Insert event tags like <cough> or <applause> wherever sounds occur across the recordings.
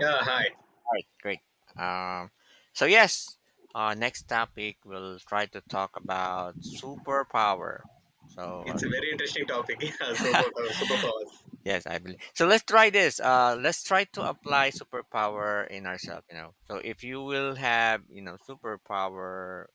Yeah, hi. Right, great. Um, so yes, next topic we'll try to talk about superpower. So uh, It's a very interesting topic. <laughs> Yeah, superpowers. yes, I believe. So let's try this. Let's try to apply superpower in ourselves. So if you will have superpower,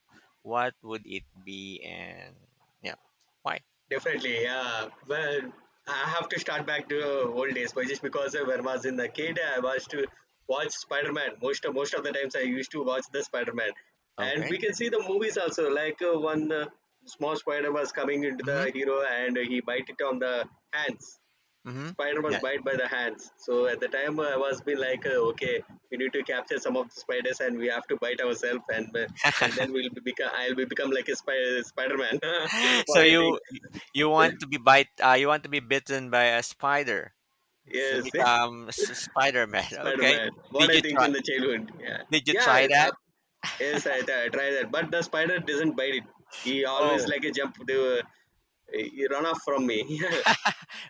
what would it be and yeah, why? Definitely. Yeah. Well, I have to start back to old days, but just because when I was in the kid, I was to watch Spider Man. Most of the times, I used to watch the Spider Man, and Okay. we can see the movies also. Like one small spider was coming into Mm-hmm. the hero, and he bite it on the hands, Mm-hmm. spider was Yeah. <gasps> bite by the hands. So at the time, I was been like, okay, we need to capture some of the spiders and we have to bite ourselves, and then we'll be become I'll be become like a Spider Man. <laughs> <laughs> So What I think, you want to be bite? You want to be bitten by a spider? So yes. become <laughs> Spider-Man. <laughs> Spider Okay. Man. What Did I you think try in the childhood, yeah. did you Yeah, try uh, that? yes, I try that, but the spider doesn't bite it. He always Oh. like a jump to he run off from me. <laughs> Yeah,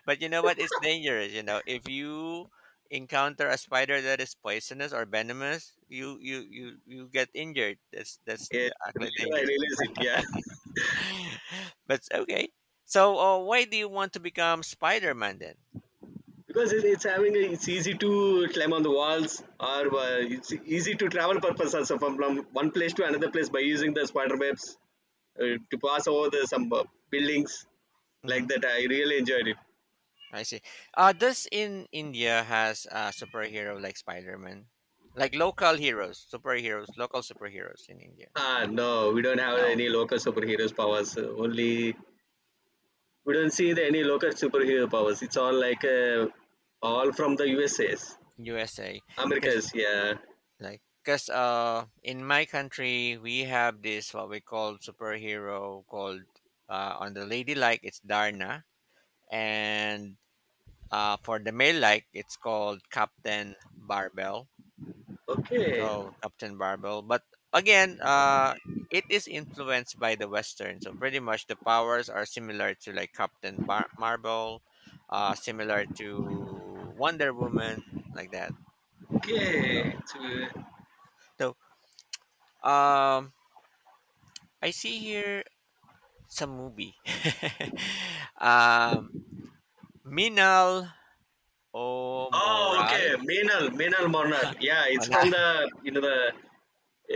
But you know what? It's dangerous, you know. If you encounter a spider that is poisonous or venomous, you get injured. Later Actually I dangerous. realize it. Yeah. But okay. So why do you want to become Spider-Man then? Because it's having a, it's easy to climb on the walls or it's easy to travel purpose also from one place to another place by using the spider webs to pass over the some buildings Hmm. like that, I really enjoyed it. I see. Uh, does in India has a superhero like Spider-Man? Like local heroes, superheroes, local superheroes in India. Ah no, we don't have No. any local superheroes powers, only we don't see the, any local superhero powers. It's all like all from the usas, USA. Because americas, yeah. Because uh, in my country we have this what we call superhero called on the lady, like it's Darna, and for the male like it's called Captain Barbell. Okay, So Captain Barbell, but again, it is influenced by the western, so pretty much the powers are similar to like Marvel, uh, similar to Wonder Woman, like that. okay, so so. so um I see here. Some movie. <laughs> um, Minal Oh, okay. O'Moral? Meenal Monar. Yeah, <laughs> it's Ona. from the you know the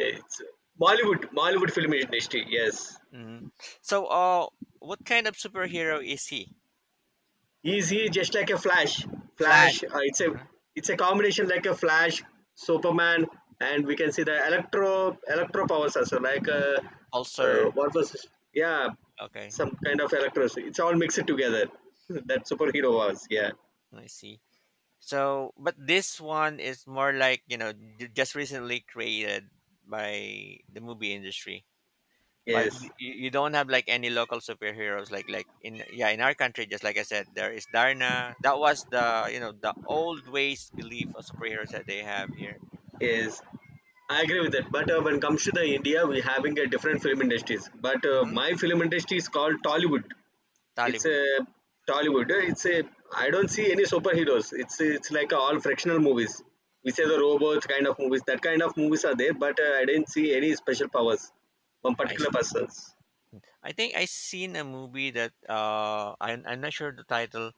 it's Bollywood, Bollywood film industry. Yes, Mhm. So, what kind of superhero is he? He just like a Flash. Flash. Flash. Mhm. It's a combination like a Flash, Superman, and we can see the electro powers also like Pulsar. what was this? Yeah, Okay. some kind of electro. It's all mixed Mhm. together. <laughs> That superhero was, yeah. I see. So, but this one is more like, you know, just recently created by the movie industry. But Yes, you don't have like any local superheroes, like in, yeah, in our country, just like I said, there is Darna. That was the, you know, the old ways belief of superheroes that they have here. yes. I agree with that. But when it comes to the India, we having a different film industries. But Hmm. my film industry is called Tollywood. It's Tollywood. a Tollywood. It's a, I don't see any superheroes. It's like all fractional movies. We say the robots kind of movies. That kind of movies are there, but I didn't see any special powers from I particular s- persons. I think I seen a movie that uh, I'm not sure the title,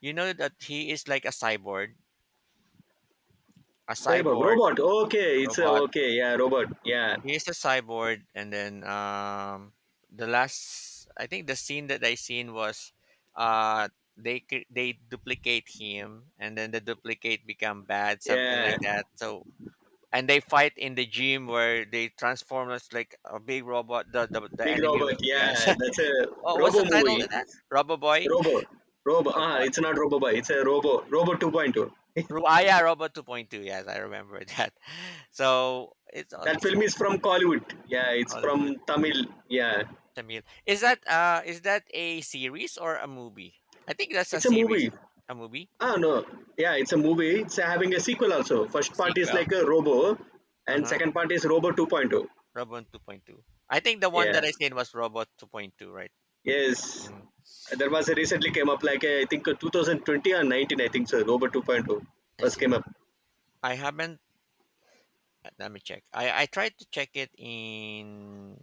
you know, that he is like a cyborg a Cyborg cyborg robot. Okay, it's a, robot. okay. Yeah, robot. Yeah, He is a cyborg, and then the last, I think the scene that I seen was uh they they duplicate him, and then the duplicate become bad, something yeah. like that. So and they fight in the gym where they transform us like a big robot. The Big enemy robot. was, yes. Yeah, that's a <laughs> Oh, what's the robo title movie. of that? Robo Boy. Robo. Robo. Ah, Robot. it's not Roboboy. It's a Robo. Robo 2.2. Ru- Ah, yeah, Robot 2.2. Yes, I remember that. <laughs> So That it's film is also from Kollywood. Yeah, it's Hollywood. from Tamil. Yeah. Tamil. Is that a series or a movie? I think that's a It's a series. movie. A movie? Ah, no. Yeah, it's a movie. It's having a sequel also. First part is Sequel. like a Robo, and Uh-huh. second part is Robo 2.2. Robot 2.2. I think the one Yeah. that I said was Robot 2.2, right? Yes. Mm, There was a recently came up like a, I think a 2020 or 19, I think so. Robo 2.2 I first see. came up. I haven't, let me check. I tried to check it in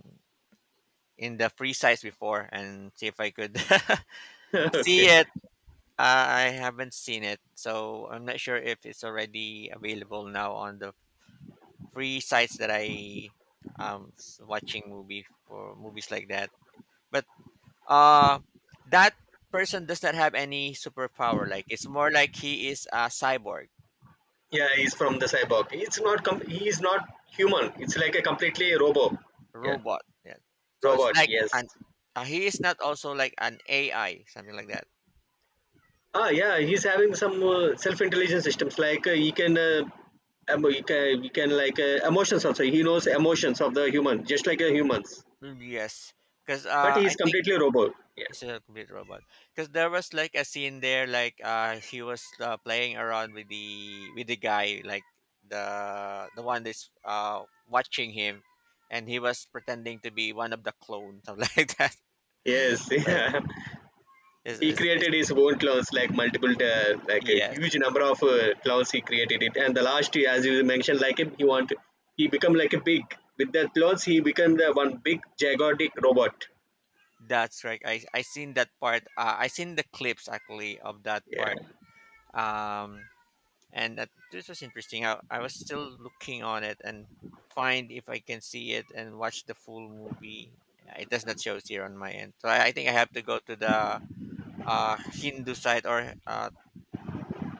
in the free size before and see if I could <laughs> see <laughs> Okay. it. I haven't seen it, so I'm not sure if it's already available now on the free sites that I watching movie for movies like that. But uh, that person does not have any superpower. Like it's more like he is a cyborg Yeah, he's from the cyborg. It's not com- he is not human. It's like a completely robot. Yeah. robot. Yeah. So it's Robot, like yes. an he is not also like an AI, something like that. Ah, yeah, he's having some self-intelligence systems. Like he can, emo he can like emotions also. He knows emotions of the human, just like a humans. Mm, yes, because But uh, I he's think completely robot. Yeah. it's a complete robot. Because there was like a scene there, like he was playing around with the guy, like the one that's uh, watching him, and he was pretending to be one of the clones, something <laughs> like that. Yes. <laughs> So it's, Yeah. it's, He it's, it's created his own clones, like multiple, like a yes, huge number of clones. He created it, and the last, as you mentioned, he want, he become like a big with the clones. He become the one big gigantic robot. that's right. I seen that part. I seen the clips actually of that Yeah. part. Um, and that, this was interesting. I was still looking on it and find if I can see it and watch the full movie. It does not show here on my end, so I think I have to go to the Hindu site or uh,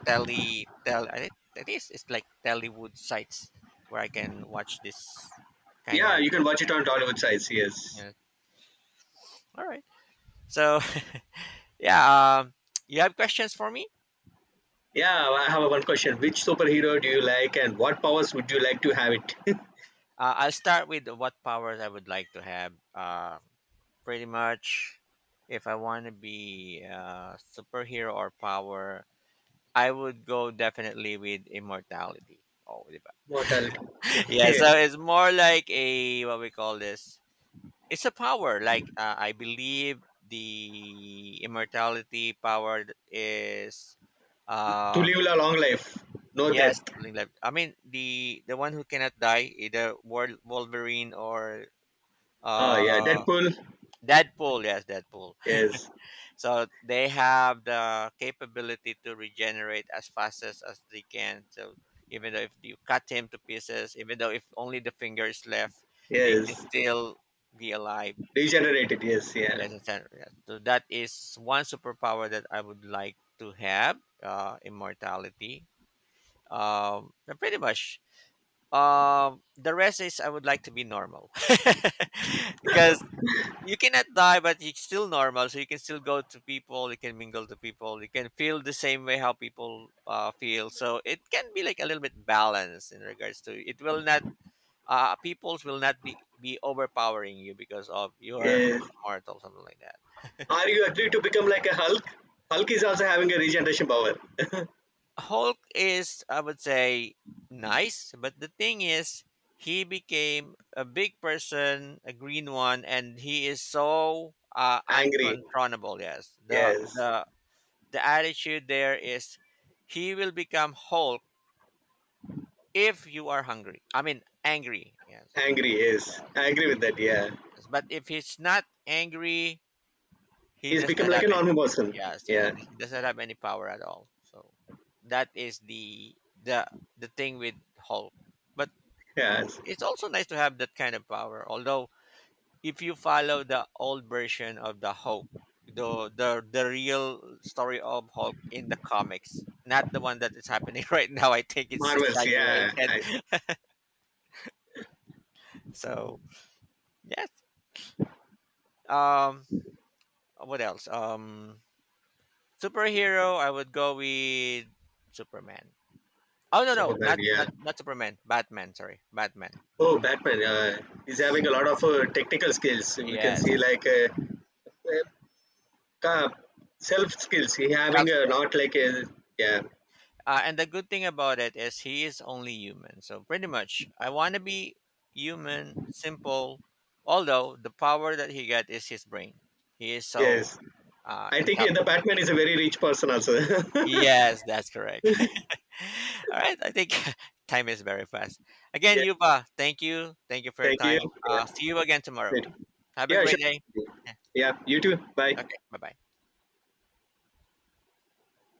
Tele Tel, I think it is. It's like Tellywood sites where I can watch this kind of Yeah, you can movie. watch it on Hollywood Mm, sites. Yes. yeah. All right. So <laughs> yeah, you have questions for me? Yeah, I have one question. Which superhero do you like and what powers would you like to have it? <laughs> I'll start with what powers I would like to have. Pretty much, if I want to be a superhero or power, I would go definitely with immortality. Oh, diba? Mortality. <laughs> Yeah. Okay. So it's more like a, what we call this, it's a power. Like I believe the immortality power is, <laughs> To um, live a long life. No death. yes, something like, I mean, the one who cannot die, either Wolverine or Oh yeah. uh, Deadpool. Deadpool. Yes, Deadpool. Yes. So they have the capability to regenerate as fast as they can. So even though if you cut him to pieces, even though if only the finger is left, they can Yes. still be alive. Regenerated. Yes. Yeah. Yes, yes, yes, yes. So that is one superpower that I would like to have, immortality. But pretty much, the rest is I would like to be normal, <laughs> because you cannot die, but it's still normal. So you can still go to people, you can mingle to people, you can feel the same way how people feel. So it can be like a little bit balanced in regards to it. Will not peoples will not be overpowering you because of you are Yes. immortal, something like that. Are you agree to become like a Hulk? Hulk is also having a regeneration power. <laughs> Hulk is, I would say, nice, but the thing is, he became a big person, a green one, and he is so Angry. uncontrollable. Yes, the Yes. the attitude there is he will become whole if you are hungry. I mean, angry. Yes. Angry. Yes. I agree with that. Yeah. Yes, but if he's not angry, he He's does become not like have a any. normal person. Yes, yeah, Yeah. He does not have any power at all. So that is the the thing with Hulk. But Yes. it's also nice to have that kind of power. Although if you follow the old version of the Hulk, the real story of Hulk in the comics, not the one that is happening <laughs> right now. I think it's Marvels. Yeah. exaggerated. I, <laughs> So yes. Um. What else? Superhero. I would go with Superman. Oh no, no, Superman. not not Yeah. not Superman. Batman. Sorry, Batman. Oh, Batman! He's having a lot of technical skills. We can see Yes. like uh, ca- self skills. He having Self. Not like yeah, And the good thing about it is he is only human. So pretty much, I want to be human, simple. Although the power that he got is his brain. He is so yes. I think intelligent. the Batman is a very rich person also. <laughs> Yes, that's correct. <laughs> All right, I think <laughs> time is very fast. Again, Yeah, Yuba, thank you for your thank you. time. Yeah, See you again tomorrow. sweet. Have a Yeah, great day. sure. Yeah. Yeah, you too. Bye. Okay, bye bye.